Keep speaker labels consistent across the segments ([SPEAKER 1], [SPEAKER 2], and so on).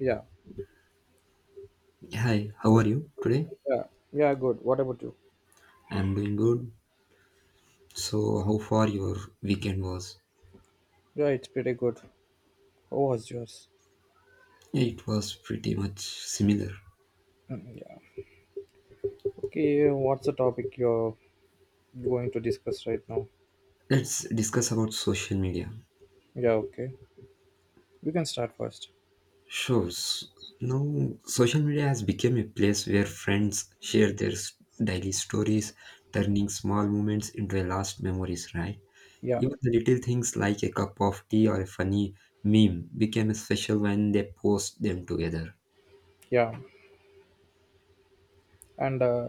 [SPEAKER 1] Yeah,
[SPEAKER 2] Hi, how are you today?
[SPEAKER 1] yeah, yeah, good. What about you?
[SPEAKER 2] I'm doing good. So, how far your weekend was?
[SPEAKER 1] Yeah, it's pretty good. How was yours?
[SPEAKER 2] Yeah, it was pretty much similar.
[SPEAKER 1] Mm, yeah. Okay, what's the topic you're going to discuss right now?
[SPEAKER 2] Let's discuss about social media.
[SPEAKER 1] Yeah, okay. You can start first.
[SPEAKER 2] Sure. Now, social media has become a place where friends share their daily stories, turning small moments into a last memories, right?
[SPEAKER 1] Yeah,
[SPEAKER 2] Even the little things like a cup of tea or a funny meme became special when they post them together.
[SPEAKER 1] yeah. And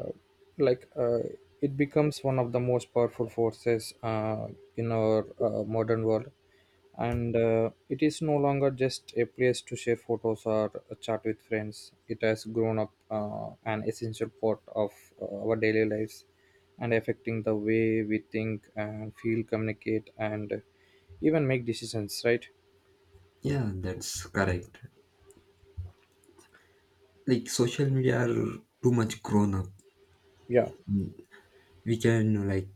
[SPEAKER 1] like, it becomes one of the most powerful forces in our modern world, and it is no longer just a place to share photos or a chat with friends. It has grown up an essential part of our daily lives, and affecting the way we think and feel, communicate, and even make decisions, right?
[SPEAKER 2] Yeah, that's correct. Like, social media are too much grown up.
[SPEAKER 1] Yeah,
[SPEAKER 2] we can like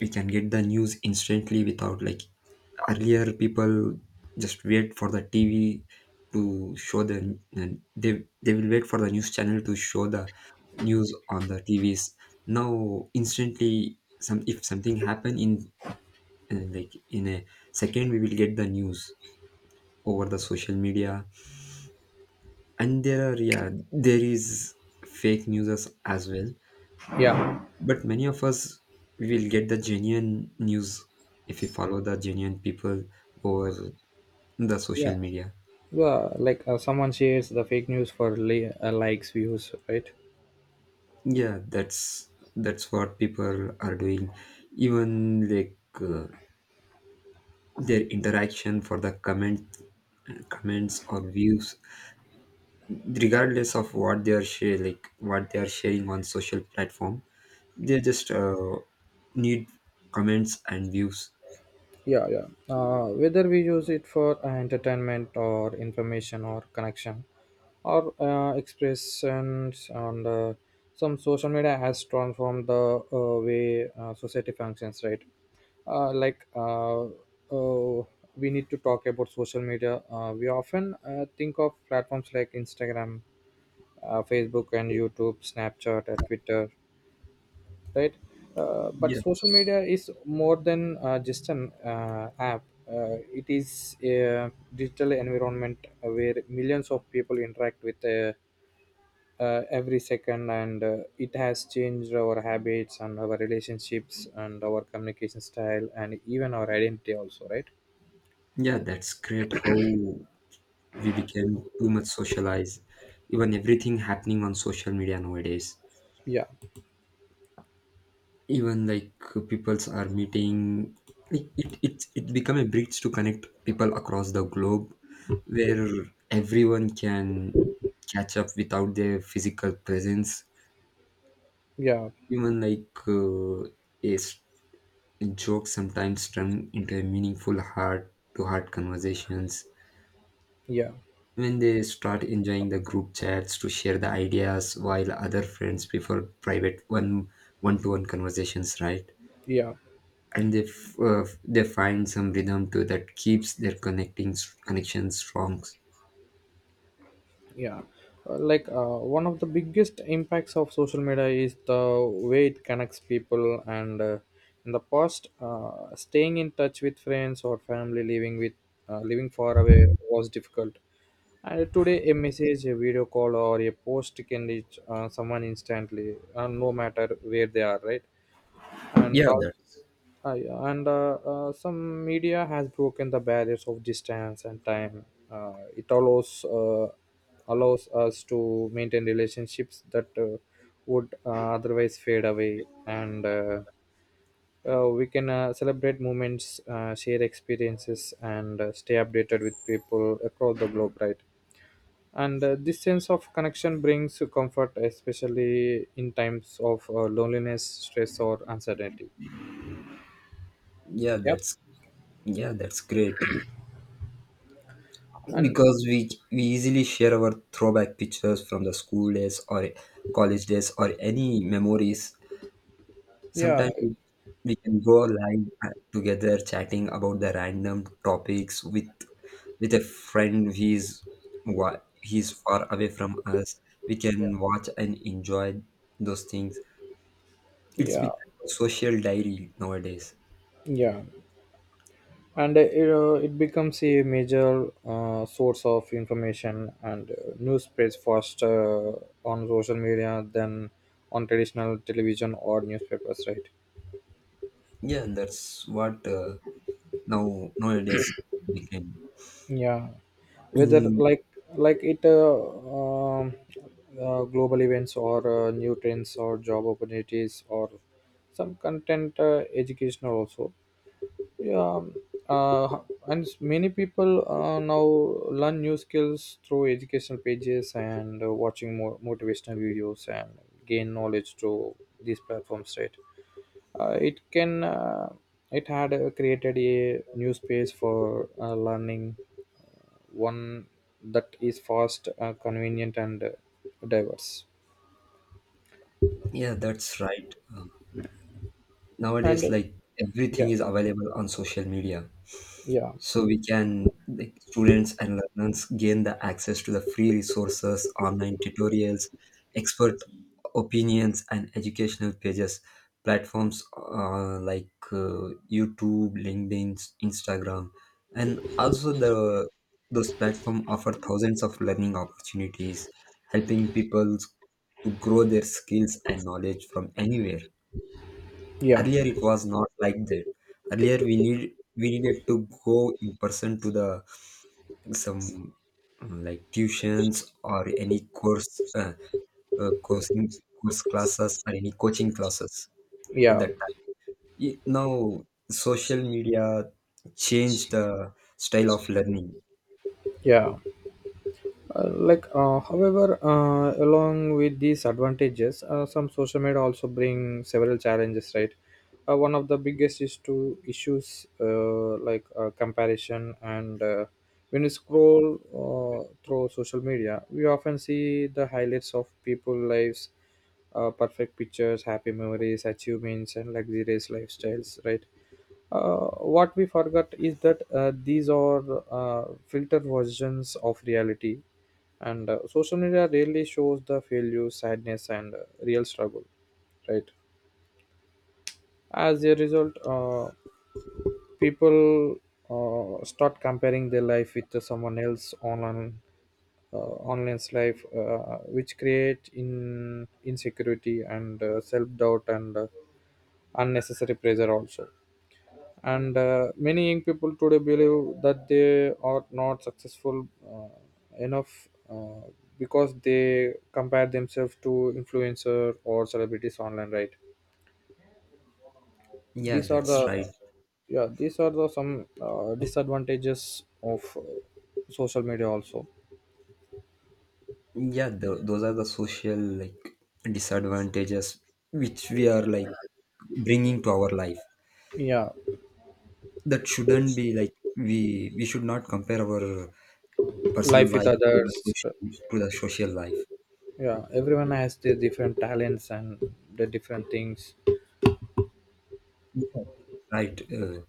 [SPEAKER 2] we can get the news instantly without, like, earlier people just wait for the TV to show the and they will wait for the news channel to show the news on the TVs. Now, instantly, some if something happen in, like, in a second we will get the news over the social media. And there are, yeah, there is fake news as well.
[SPEAKER 1] yeah,
[SPEAKER 2] But many of us will get the genuine news if we follow the genuine people over the
[SPEAKER 1] yeah.
[SPEAKER 2] social media.
[SPEAKER 1] Well, like, someone shares the fake news for likes, views, right?
[SPEAKER 2] Yeah, that's what people are doing. Even their interaction for the comments or views, regardless of what they are share, like what they are sharing on social platform, they just need comments and views.
[SPEAKER 1] Yeah, yeah. Whether we use it for entertainment or information or connection or expressions, and some social media has transformed the way society functions, right? Like, we need to talk about social media. We often think of platforms like Instagram, Facebook, and YouTube, Snapchat, and Twitter, right? But
[SPEAKER 2] Yeah,
[SPEAKER 1] social media is more than just an app. It is a digital environment where millions of people interact with every second, and it has changed our habits and our relationships and our communication style and even our identity, also, right?
[SPEAKER 2] yeah, that's great how we became too much socialized, even everything happening on social media nowadays.
[SPEAKER 1] Yeah,
[SPEAKER 2] Even like peoples are meeting, like it become a bridge to connect people across the globe, where everyone can catch up without their physical presence.
[SPEAKER 1] yeah,
[SPEAKER 2] Even a joke sometimes turn into a meaningful heart to heart conversations.
[SPEAKER 1] yeah,
[SPEAKER 2] When they start enjoying the group chats to share the ideas, while other friends prefer private one to one conversations, right?
[SPEAKER 1] yeah.
[SPEAKER 2] And they find some rhythm to that keeps their connecting connections strong.
[SPEAKER 1] Yeah. Like, one of the biggest impacts of social media is the way it connects people. And in the past, staying in touch with friends or family living far away was difficult. And today a message, a video call, or a post can reach someone instantly, no matter where they are, right? And also, yeah, and some media has broken the barriers of distance and time. It allows us to maintain relationships that would otherwise fade away, and we can celebrate moments, share experiences, and stay updated with people across the globe, right? And this sense of connection brings comfort, especially in times of loneliness, stress, or uncertainty.
[SPEAKER 2] Yeah,
[SPEAKER 1] Yep.
[SPEAKER 2] that's yeah, that's great.
[SPEAKER 1] And
[SPEAKER 2] Because we easily share our throwback pictures from the school days or college days or any memories.
[SPEAKER 1] yeah,
[SPEAKER 2] Sometimes we can go live together chatting about the random topics with a friend he's far away from us. We can watch and enjoy those things. It's
[SPEAKER 1] yeah,
[SPEAKER 2] become a social diary nowadays.
[SPEAKER 1] yeah. And it becomes a major source of information, and news spreads faster on social media than on traditional television or newspapers, right?
[SPEAKER 2] Yeah, that's what now nowadays became.
[SPEAKER 1] Yeah. Whether,
[SPEAKER 2] In,
[SPEAKER 1] like it global events or new trends or job opportunities or some content, educational also. Yeah. uh, and many people now learn new skills through educational pages, and watching more motivational videos, and gain knowledge through these platforms, right? uh, it can uh, it had created a new space for learning, one that is fast, convenient, and diverse.
[SPEAKER 2] yeah, that's right.
[SPEAKER 1] And
[SPEAKER 2] Nowadays, like,
[SPEAKER 1] yeah,
[SPEAKER 2] everything is available on social media.
[SPEAKER 1] yeah,
[SPEAKER 2] So we can, like, students and learners gain the access to the free resources, online tutorials, expert opinions, and educational pages platforms like YouTube, LinkedIn, Instagram, and also the those platforms offer 1000s of learning opportunities, helping people to grow their skills and knowledge from anywhere.
[SPEAKER 1] yeah,
[SPEAKER 2] Earlier it was not like that. Earlier we needed to go in person to the some, mm, like, tuitions or any course coaching course classes or any coaching classes
[SPEAKER 1] yeah,
[SPEAKER 2] that time. Now social media changed the style of learning.
[SPEAKER 1] yeah. Like, however, along with these advantages, some social media also bring several challenges, right? One of the biggest is to issues, like comparison. And when you scroll through social media, we often see the highlights of people lives, perfect pictures, happy memories, achievements, and luxurious lifestyles, right? uh, what we forgot is that these are filtered versions of reality, and social media really shows the failure, sadness, and real struggle, right? As a result, people start comparing their life with someone else online, uh, online's life, which create in insecurity, and self doubt, and unnecessary pressure also. And many young people today believe that they are not successful enough, because they compare themselves to influencer or celebrities online, right?
[SPEAKER 2] Yeah,
[SPEAKER 1] these are
[SPEAKER 2] that's
[SPEAKER 1] the
[SPEAKER 2] right.
[SPEAKER 1] yeah, these are the some disadvantages of social media also.
[SPEAKER 2] Yeah, those are the social, like, disadvantages which we are, like, bringing to our life.
[SPEAKER 1] Yeah.
[SPEAKER 2] That shouldn't be like we should not compare our personal
[SPEAKER 1] Life with
[SPEAKER 2] life
[SPEAKER 1] others.
[SPEAKER 2] to the social life,
[SPEAKER 1] Yeah, everyone has their different talents and the different things.
[SPEAKER 2] right?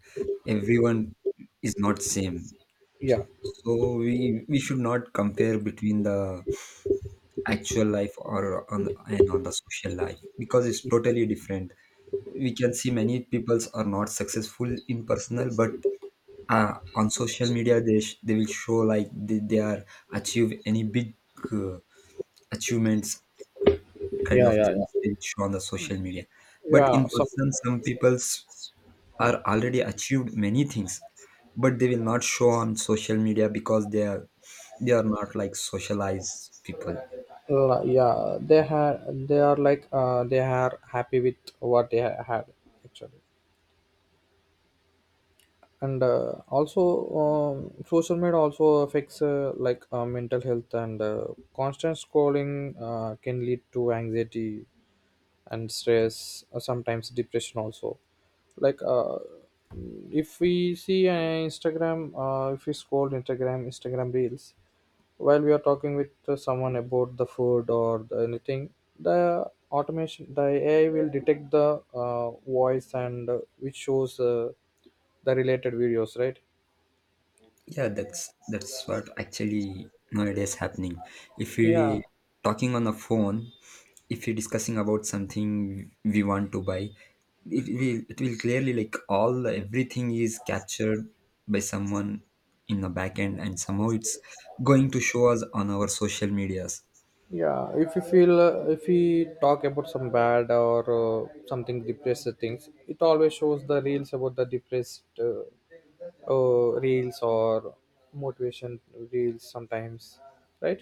[SPEAKER 2] Everyone is not same,
[SPEAKER 1] Yeah,
[SPEAKER 2] so we should not compare between the actual life or on the, and on the social life, because it's totally different. We can see many peoples are not successful in personal, but on social media they will show like they are achieve any big uh, achievements, uh, kind
[SPEAKER 1] yeah,
[SPEAKER 2] of
[SPEAKER 1] yeah,
[SPEAKER 2] things
[SPEAKER 1] yeah,
[SPEAKER 2] they will show on the social media, but
[SPEAKER 1] yeah.
[SPEAKER 2] in
[SPEAKER 1] Some.
[SPEAKER 2] person some people's are already achieved many things, but they will not show on social media because they are not like socialized people.
[SPEAKER 1] Yeah, they are like, they are happy with what had, actually. And also, social media also affects like mental health, and constant scrolling can lead to anxiety and stress, sometimes depression also. Like, if we see Instagram, if we scroll Instagram reels while we are talking with someone about the food or the anything, the automation, the AI will detect the voice, and which shows the related videos, right?
[SPEAKER 2] Yeah, that's what actually nowadays happening. If
[SPEAKER 1] Yeah,
[SPEAKER 2] we talking on the phone, if you're discussing about something we want to buy, it will clearly like all everything is captured by someone in the back end, and somehow it's going to show us on our social medias.
[SPEAKER 1] yeah. If you feel, if we talk about some bad or something depressed things, it always shows the reels about the depressed, reels or motivation reels sometimes, right?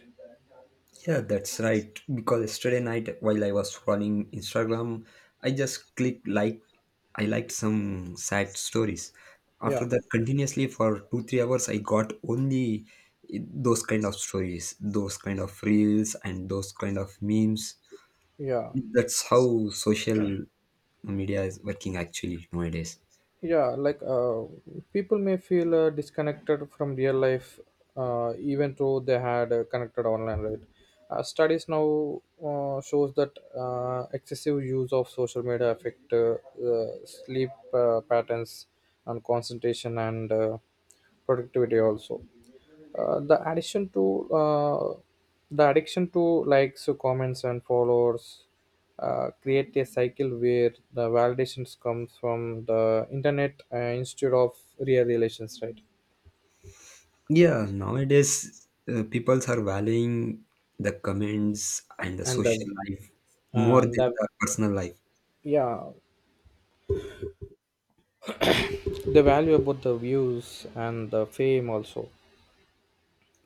[SPEAKER 2] Yeah, that's right. Because yesterday night, while I was scrolling Instagram, I just clicked, like, I liked some sad stories. After
[SPEAKER 1] Yeah,
[SPEAKER 2] that, continuously for 2-3 hours, I got only, eh, those kind of stories, those kind of reels, and those kind of memes.
[SPEAKER 1] yeah,
[SPEAKER 2] That's how social media is working actually nowadays.
[SPEAKER 1] yeah. Like, people may feel disconnected from real life, even though they had connected online, right? Studies now shows that excessive use of social media affect sleep patterns and concentration, and productivity also. uh, the addition to uh, the addiction to likes, comments, and followers create a cycle where the validations comes from the internet, instead of real relations, right?
[SPEAKER 2] Yeah, nowadays, people are valuing the comments and the
[SPEAKER 1] and
[SPEAKER 2] social
[SPEAKER 1] the
[SPEAKER 2] life more
[SPEAKER 1] and
[SPEAKER 2] than
[SPEAKER 1] the
[SPEAKER 2] the personal life.
[SPEAKER 1] yeah, the value about the views and the fame also.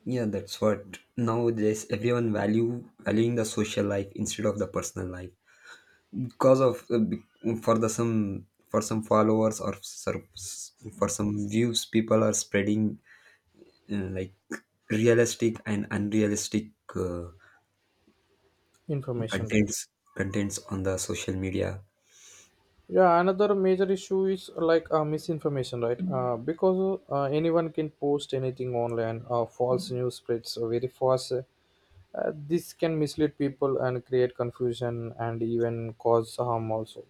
[SPEAKER 2] Yeah, that's what nowadays everyone value valuing the social life instead of the personal life, because for the some for some followers or for some views people are spreading like, realistic and unrealistic
[SPEAKER 1] Information, right?
[SPEAKER 2] contents contents on the social media.
[SPEAKER 1] Yeah, another major issue is like, misinformation, right? Because anyone can post anything online, false news spreads very fast. This can mislead people and create confusion and even cause harm also.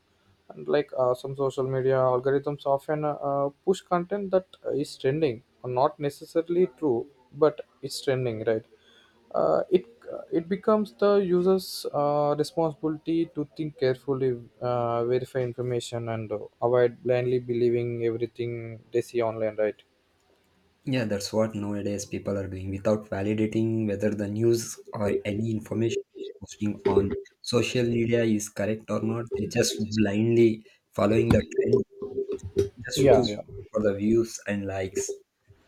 [SPEAKER 1] And like, some social media algorithms often push content that is trending, not necessarily true, but it's trending, right? uh, it it becomes the user's responsibility to think carefully, verify information, and avoid blindly believing everything they see online. Right?
[SPEAKER 2] Yeah, that's what nowadays people are doing without validating whether the news or any information posting on social media is correct or not. They just blindly following the trend just
[SPEAKER 1] Yeah,
[SPEAKER 2] to
[SPEAKER 1] yeah.
[SPEAKER 2] for the views and likes.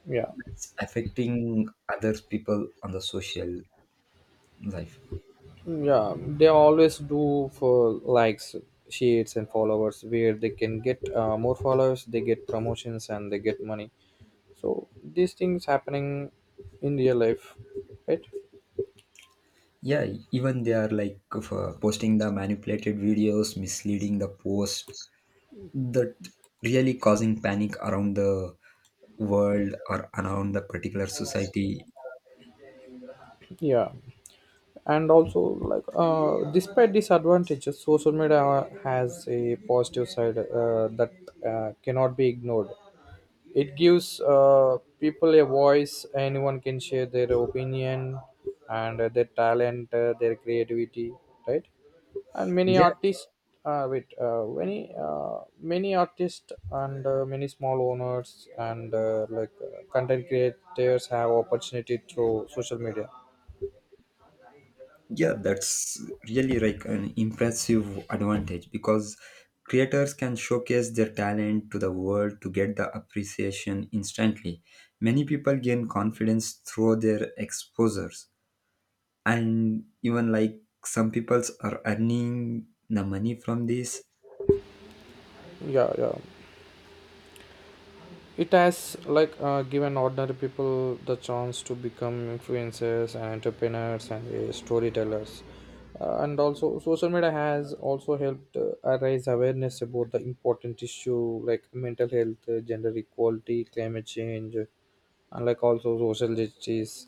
[SPEAKER 1] Yeah.
[SPEAKER 2] It's affecting other people on the social life.
[SPEAKER 1] Yeah, they always do for likes, shares, and followers. Where they can get more followers, they get promotions and they get money. So these things happening in real life, right?
[SPEAKER 2] Yeah, even they are like of, posting the manipulated videos, misleading the post that really causing panic around the world or around the particular society.
[SPEAKER 1] Yeah, and also like, despite disadvantages, social media has a positive side that cannot be ignored. It gives people a voice. Anyone can share their opinion, and their talent, their creativity, right? And many
[SPEAKER 2] Yeah,
[SPEAKER 1] artists, wait many many artists, and many small owners, and like, content creators have opportunity through social media.
[SPEAKER 2] yeah, that's really like an impressive advantage, because creators can showcase their talent to the world to get the appreciation instantly. Many people gain confidence through their exposures, and even like some peoples are earning the money from this.
[SPEAKER 1] Yeah, yeah. It has, like, given ordinary people the chance to become influencers and entrepreneurs, and storytellers. And also, social media has also helped raise awareness about the important issue like mental health, gender equality, climate change, and like also social justice.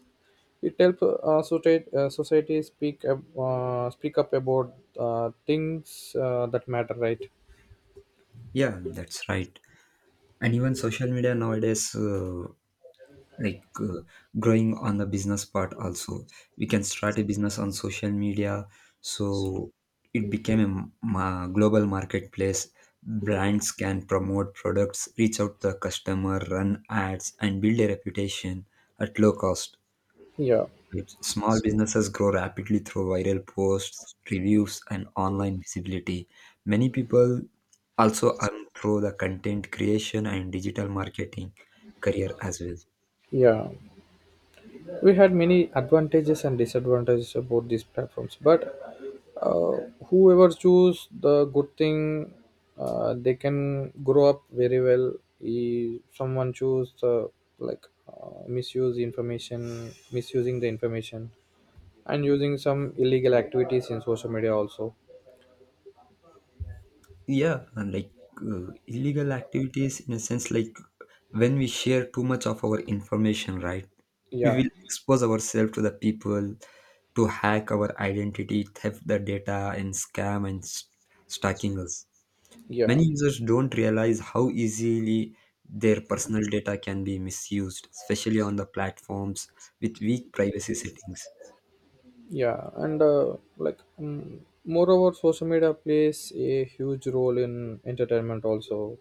[SPEAKER 1] It helps society speak up about things that matter, right?
[SPEAKER 2] Yeah, that's right. And even social media nowadays like uh, growing on the business part also. We can start a business on social media, so it became a global marketplace. Brands can promote products, reach out to the customer, run ads, and build a reputation at low cost.
[SPEAKER 1] Yeah,
[SPEAKER 2] Right. Small businesses grow rapidly through viral posts, reviews, and online visibility. Many people also earn through the content creation and digital marketing career as well.
[SPEAKER 1] yeah. We had many advantages and disadvantages about these platforms, but uh, whoever choose the good thing, they can grow up very well. If someone choose the, like, misuse information misusing the information, and using some illegal activities in social media also.
[SPEAKER 2] Yeah, and like, illegal activities in a sense, like, when we share too much of our information, right, we
[SPEAKER 1] Yeah,
[SPEAKER 2] will expose ourselves to the people to hack our identity, theft the data, and scam, and stalking us.
[SPEAKER 1] yeah,
[SPEAKER 2] Many users don't realize how easily their personal data can be misused, especially on the platforms with weak privacy settings.
[SPEAKER 1] yeah. And like, moreover, social media plays a huge role in entertainment also.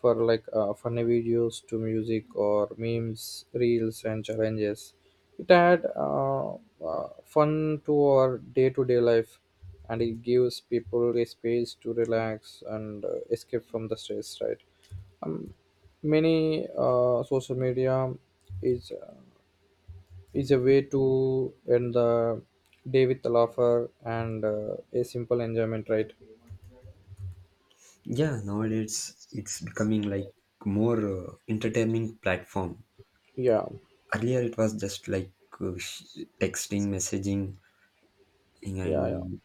[SPEAKER 1] For like, funny videos to music or memes, reels, and challenges. It add fun to our day-to-day life, and it gives people a space to relax and escape from the stress. Right? Many, social media is uh, is a way to end the day with a laugher and a simple enjoyment. Right?
[SPEAKER 2] Yeah, nowadays it's becoming like more entertaining platform.
[SPEAKER 1] Yeah.
[SPEAKER 2] Earlier it was just like uh, sh- texting, messaging,
[SPEAKER 1] Yeah.
[SPEAKER 2] and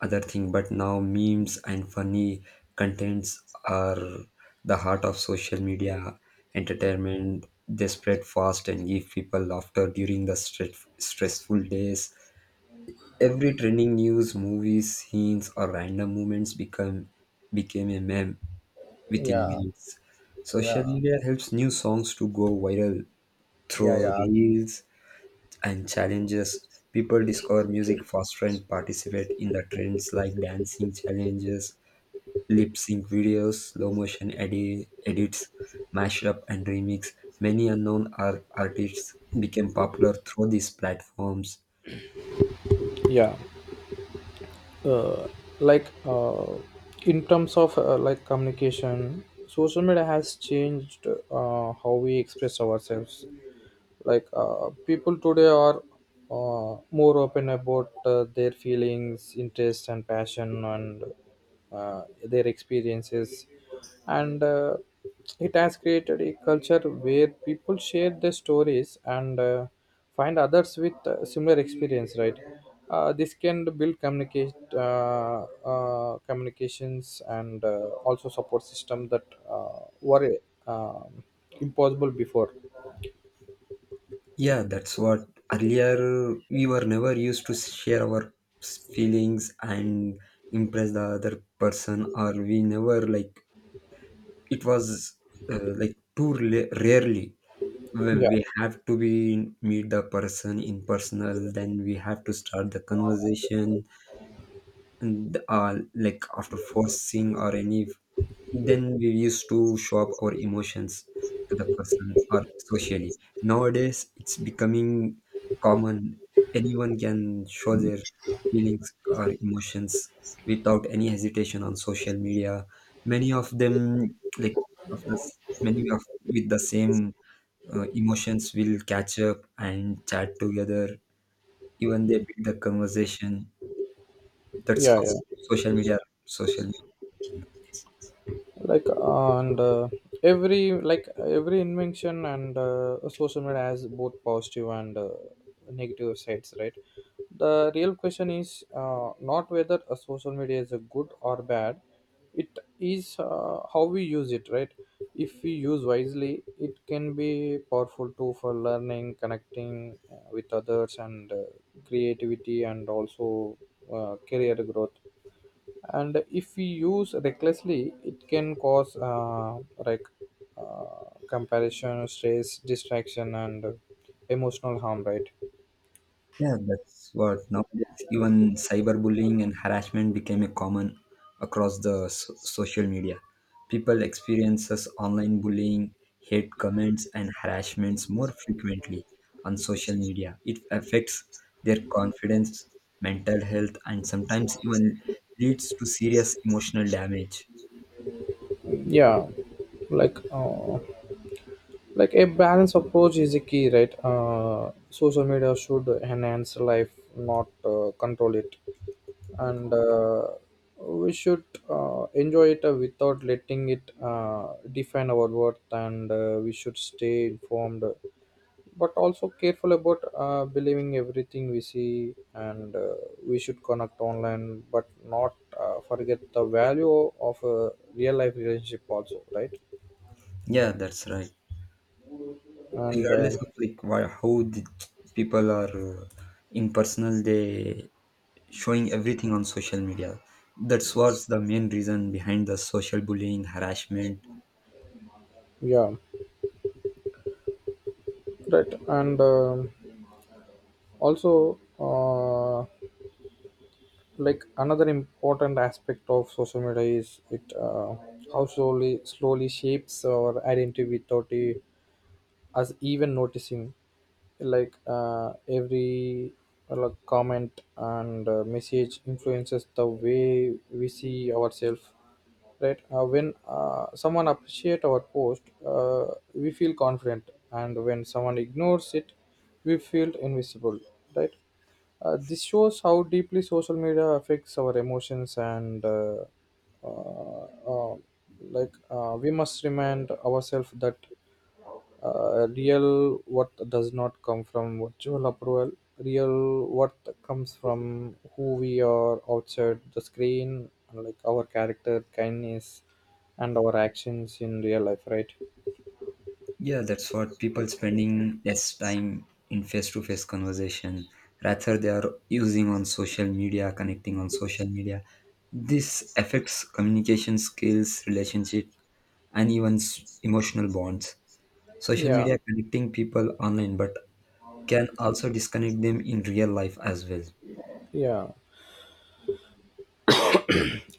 [SPEAKER 2] other thing. But now memes and funny contents are the heart of social media entertainment. They spread fast and give people laughter during the stressful days. Every trending news, movies, scenes, or random moments become became a meme within
[SPEAKER 1] Yeah.
[SPEAKER 2] minutes. Social
[SPEAKER 1] Yeah.
[SPEAKER 2] media helps new songs to go viral
[SPEAKER 1] Yeah.
[SPEAKER 2] through
[SPEAKER 1] Yeah.
[SPEAKER 2] reels and challenges. People discover music faster and participate in the trends like dancing challenges, lip sync videos, slow motion edits, mashup, and remix. Many unknown artists became popular through these platforms.
[SPEAKER 1] Yeah. uh, like, in terms of, like, communication, social media has changed how we express ourselves. Like, people today are more open about their feelings, interests, and passion, and their experiences, and it has created a culture where people share their stories, and find others with similar experience, right? This can build communicate communications, and also support system that were um impossible before.
[SPEAKER 2] Yeah, that's what earlier we were never used to share our feelings and impress the other person, or we never like it was like too rarely we
[SPEAKER 1] Yeah,
[SPEAKER 2] we have to be meet the person in personal, then we have to start the conversation, and like, after forcing or any, then we used to show up our emotions to the person or socially. Nowadays it's becoming common. Anyone can show their feelings or emotions without any hesitation on social media. Many of them, like many of with the same emotions will catch up and chat together, even they build the conversation. That's
[SPEAKER 1] yeah,
[SPEAKER 2] how
[SPEAKER 1] yeah.
[SPEAKER 2] social media, social media works nowadays.
[SPEAKER 1] Like, and every, like, every invention, and social media has both positive and negative sides, right? The real question is not whether a social media is a good or bad. It is how we use it, right? If we use wisely, it can be powerful tool for learning, connecting with others, and creativity, and also career growth. And if we use recklessly, it can cause like, comparison, stress, distraction, and emotional harm, right?
[SPEAKER 2] Yeah, that's what nowadays even cyberbullying and harassment became a common across the social media. People experiences online bullying, hate comments, and harassments more frequently on social media. It affects their confidence, mental health, and sometimes even leads to serious emotional damage.
[SPEAKER 1] Yeah, like, like, a balanced approach is the key, right? Social media should enhance life, not control it. And we should enjoy it without letting it define our worth, and we should stay informed, but also careful about believing everything we see, and we should connect online but not forget the value of a real life relationship also, right?
[SPEAKER 2] Yeah, that's right.
[SPEAKER 1] and
[SPEAKER 2] Regardless
[SPEAKER 1] um,
[SPEAKER 2] of like why, how the people are in personal, they showing everything on social media, that's what's the main reason behind the social bullying harassment.
[SPEAKER 1] yeah. Right, and also, like, another important aspect of social media is it how slowly, slowly shapes our identity without a us even noticing, like, every like, comment and message influences the way we see ourselves, right? When someone appreciate our post, we feel confident, and when someone ignores it we feel invisible, right? This shows how deeply social media affects our emotions, and uh, uh, we must remind ourselves that real worth does not come from virtual approval. Real worth comes from who we are outside the screen, like our character, kindness, and our actions in real life, right?
[SPEAKER 2] Yeah, that's what people spending less time in face-to-face conversation, rather they are using on social media, connecting on social media. This affects communication skills, relationship, and even emotional bonds. Social
[SPEAKER 1] Yeah,
[SPEAKER 2] media connecting people online, but can also disconnect them in real life as well.
[SPEAKER 1] yeah.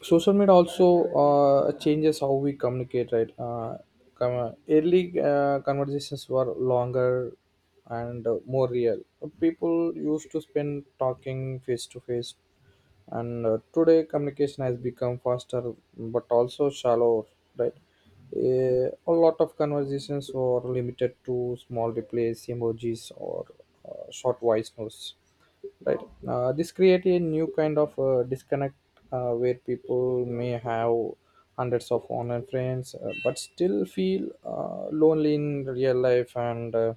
[SPEAKER 1] Social media also changes how we communicate, right? Early conversations were longer and more real. People used to spend talking face to face, and today communication has become faster but also shallower, right? Eh, a lot of conversations were limited to small replies, emojis, or short voice notes, right? This create a new kind of disconnect where people may have hundreds of online friends but still feel lonely in real life, and uh,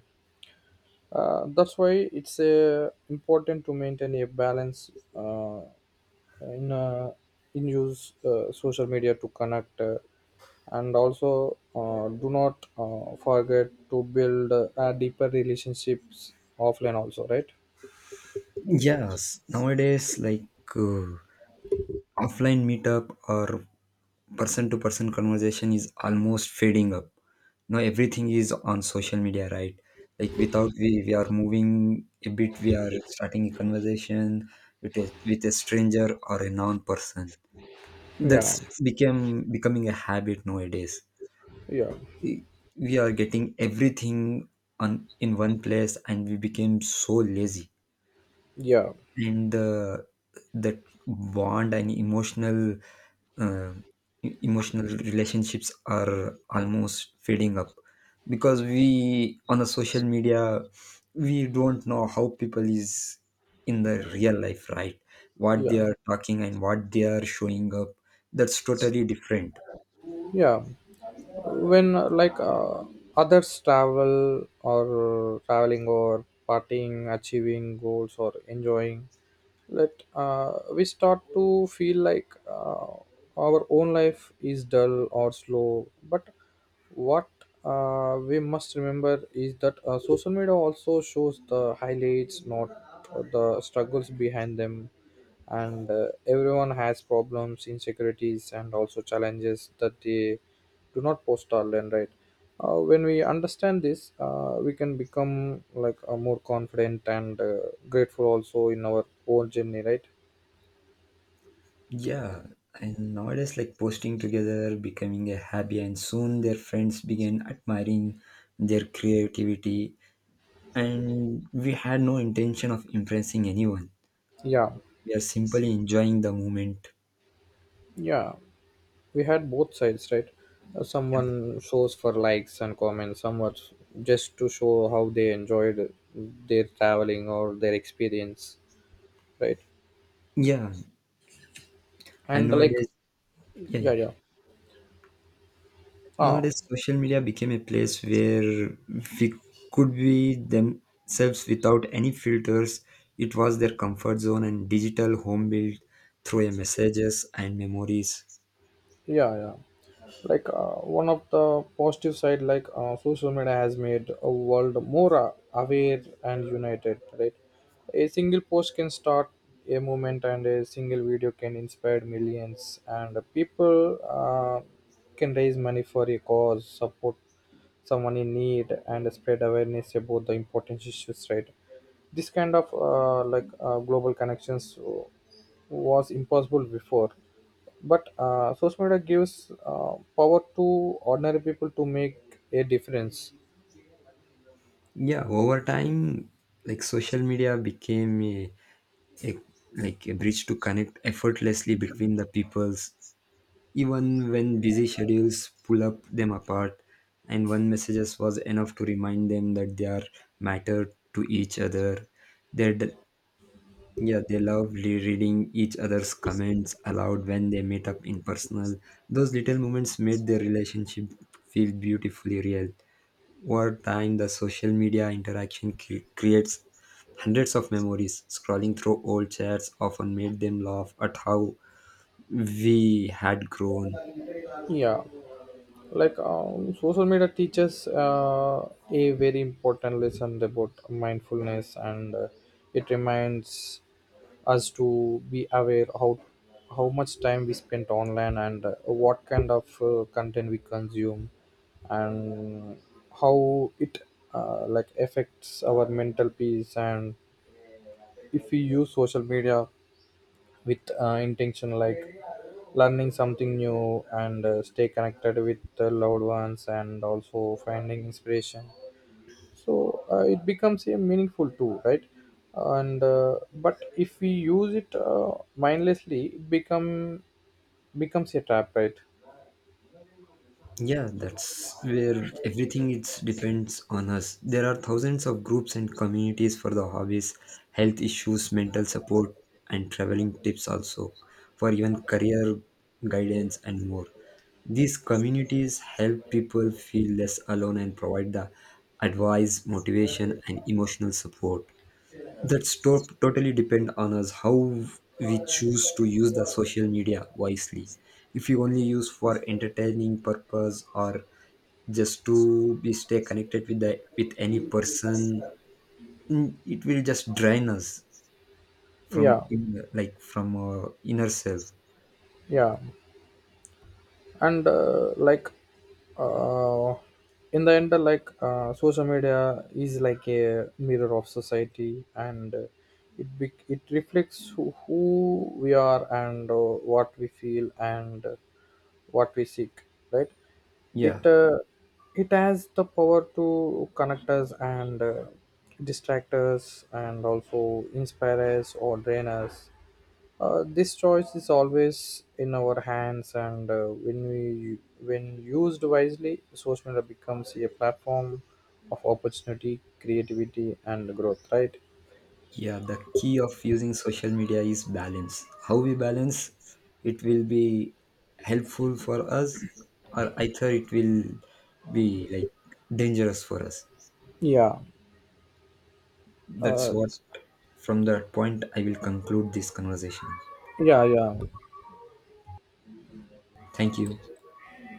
[SPEAKER 1] uh, that's why it's important to maintain a balance uh, in uh, in use social media to connect, and also do not forget to build deeper relationships offline also, right?
[SPEAKER 2] Yes, nowadays, like, uh, offline meetup or person to person conversation is almost fading up. Now, everything is on social media, right? Like, without we are moving a bit, we are starting a conversation with a stranger or a non person.
[SPEAKER 1] Yeah,
[SPEAKER 2] That's became becoming a habit nowadays.
[SPEAKER 1] yeah,
[SPEAKER 2] we we are getting everything on in one place, and we became so lazy.
[SPEAKER 1] yeah,
[SPEAKER 2] And the, that bond and emotional uh, emotional relationships are almost fading up, because we on the social media we don't know how people is in the real life, right, what
[SPEAKER 1] yeah,
[SPEAKER 2] they are talking and what they are showing up. That's totally different.
[SPEAKER 1] yeah. When others travel or traveling or partying, achieving goals, or enjoying, that we start to feel like our own life is dull or slow. But what we must remember is that social media also shows the highlights, not the struggles behind them. And everyone has problems, insecurities, and also challenges that they do not post online, right? When we understand this, we can become like a more confident and grateful also in our own journey, right?
[SPEAKER 2] Yeah, and nowadays, like, posting together becoming a hobby, and soon their friends began admiring their creativity. And we had no intention of impressing anyone,
[SPEAKER 1] Yeah,
[SPEAKER 2] we are simply enjoying the moment.
[SPEAKER 1] yeah. We had both sides, right? Someone shows for likes and comments, someone just to show how they enjoyed their traveling or their experience, right?
[SPEAKER 2] Yeah, and
[SPEAKER 1] And like,
[SPEAKER 2] nowadays, yeah,
[SPEAKER 1] yeah,
[SPEAKER 2] yeah.
[SPEAKER 1] yeah. Oh,
[SPEAKER 2] Nowadays, social media became a place where we could be themselves without any filters. It was their comfort zone and digital home built through a messages and memories.
[SPEAKER 1] yeah, yeah. One of the positive side, like, social media has made a world more aware and united, right? A single post can start a movement, and a single video can inspire millions, and people can raise money for a cause, support someone in need, and spread awareness about the important issues, right? This kind of global connections was impossible before, but social media gives power to ordinary people to make a difference.
[SPEAKER 2] Yeah, over time, like, social media became a, like, a bridge to connect effortlessly between the peoples, even when busy schedules pull up them apart. And one messages was enough to remind them that they are matter to each other. They Yeah, they love reading each other's comments aloud when they meet up in personal. Those little moments made their relationship feel beautifully real. Over time, the social media interaction creates hundreds of memories. Scrolling through old chats often made them laugh at how we had grown.
[SPEAKER 1] Yeah. Social media teaches a very important lesson about mindfulness, and it reminds us to be aware how much time we spend online and what kind of content we consume, and how it like affects our mental peace. And if we use social media with intention, like learning something new and stay connected with the loved ones and also finding inspiration, so it becomes a meaningful tool, right? And but if we use it mindlessly, it becomes a trap, right?
[SPEAKER 2] Yeah, that's where everything it's depends on us. There are thousands of groups and communities for the hobbies, health issues, mental support, and traveling tips also, for even career guidance, and more. These communities help people feel less alone and provide the advice, motivation, and emotional support. That's totally depend on us how we choose to use the social media wisely. If you only use for entertaining purpose or just to be stay connected with the, with any person, mm, it will just drain us
[SPEAKER 1] Yeah,
[SPEAKER 2] from in, like, from our inner self.
[SPEAKER 1] yeah. And uh, in the end, social media is like a mirror of society, and it bec it reflects who we are, and what we feel, and what we seek, right?
[SPEAKER 2] Yeah.
[SPEAKER 1] It it has the power to connect us and distract us, and also inspire us or drain us. This choice is always in our hands, and when we when used wisely, social media becomes a platform of opportunity, creativity, and growth, right?
[SPEAKER 2] Yeah, the key of using social media is balance. How we balance it will be helpful for us, or either it will be like dangerous for us.
[SPEAKER 1] Yeah.
[SPEAKER 2] That's
[SPEAKER 1] Uh,
[SPEAKER 2] what, from that point, I will conclude this conversation.
[SPEAKER 1] yeah. Yeah.
[SPEAKER 2] Thank you.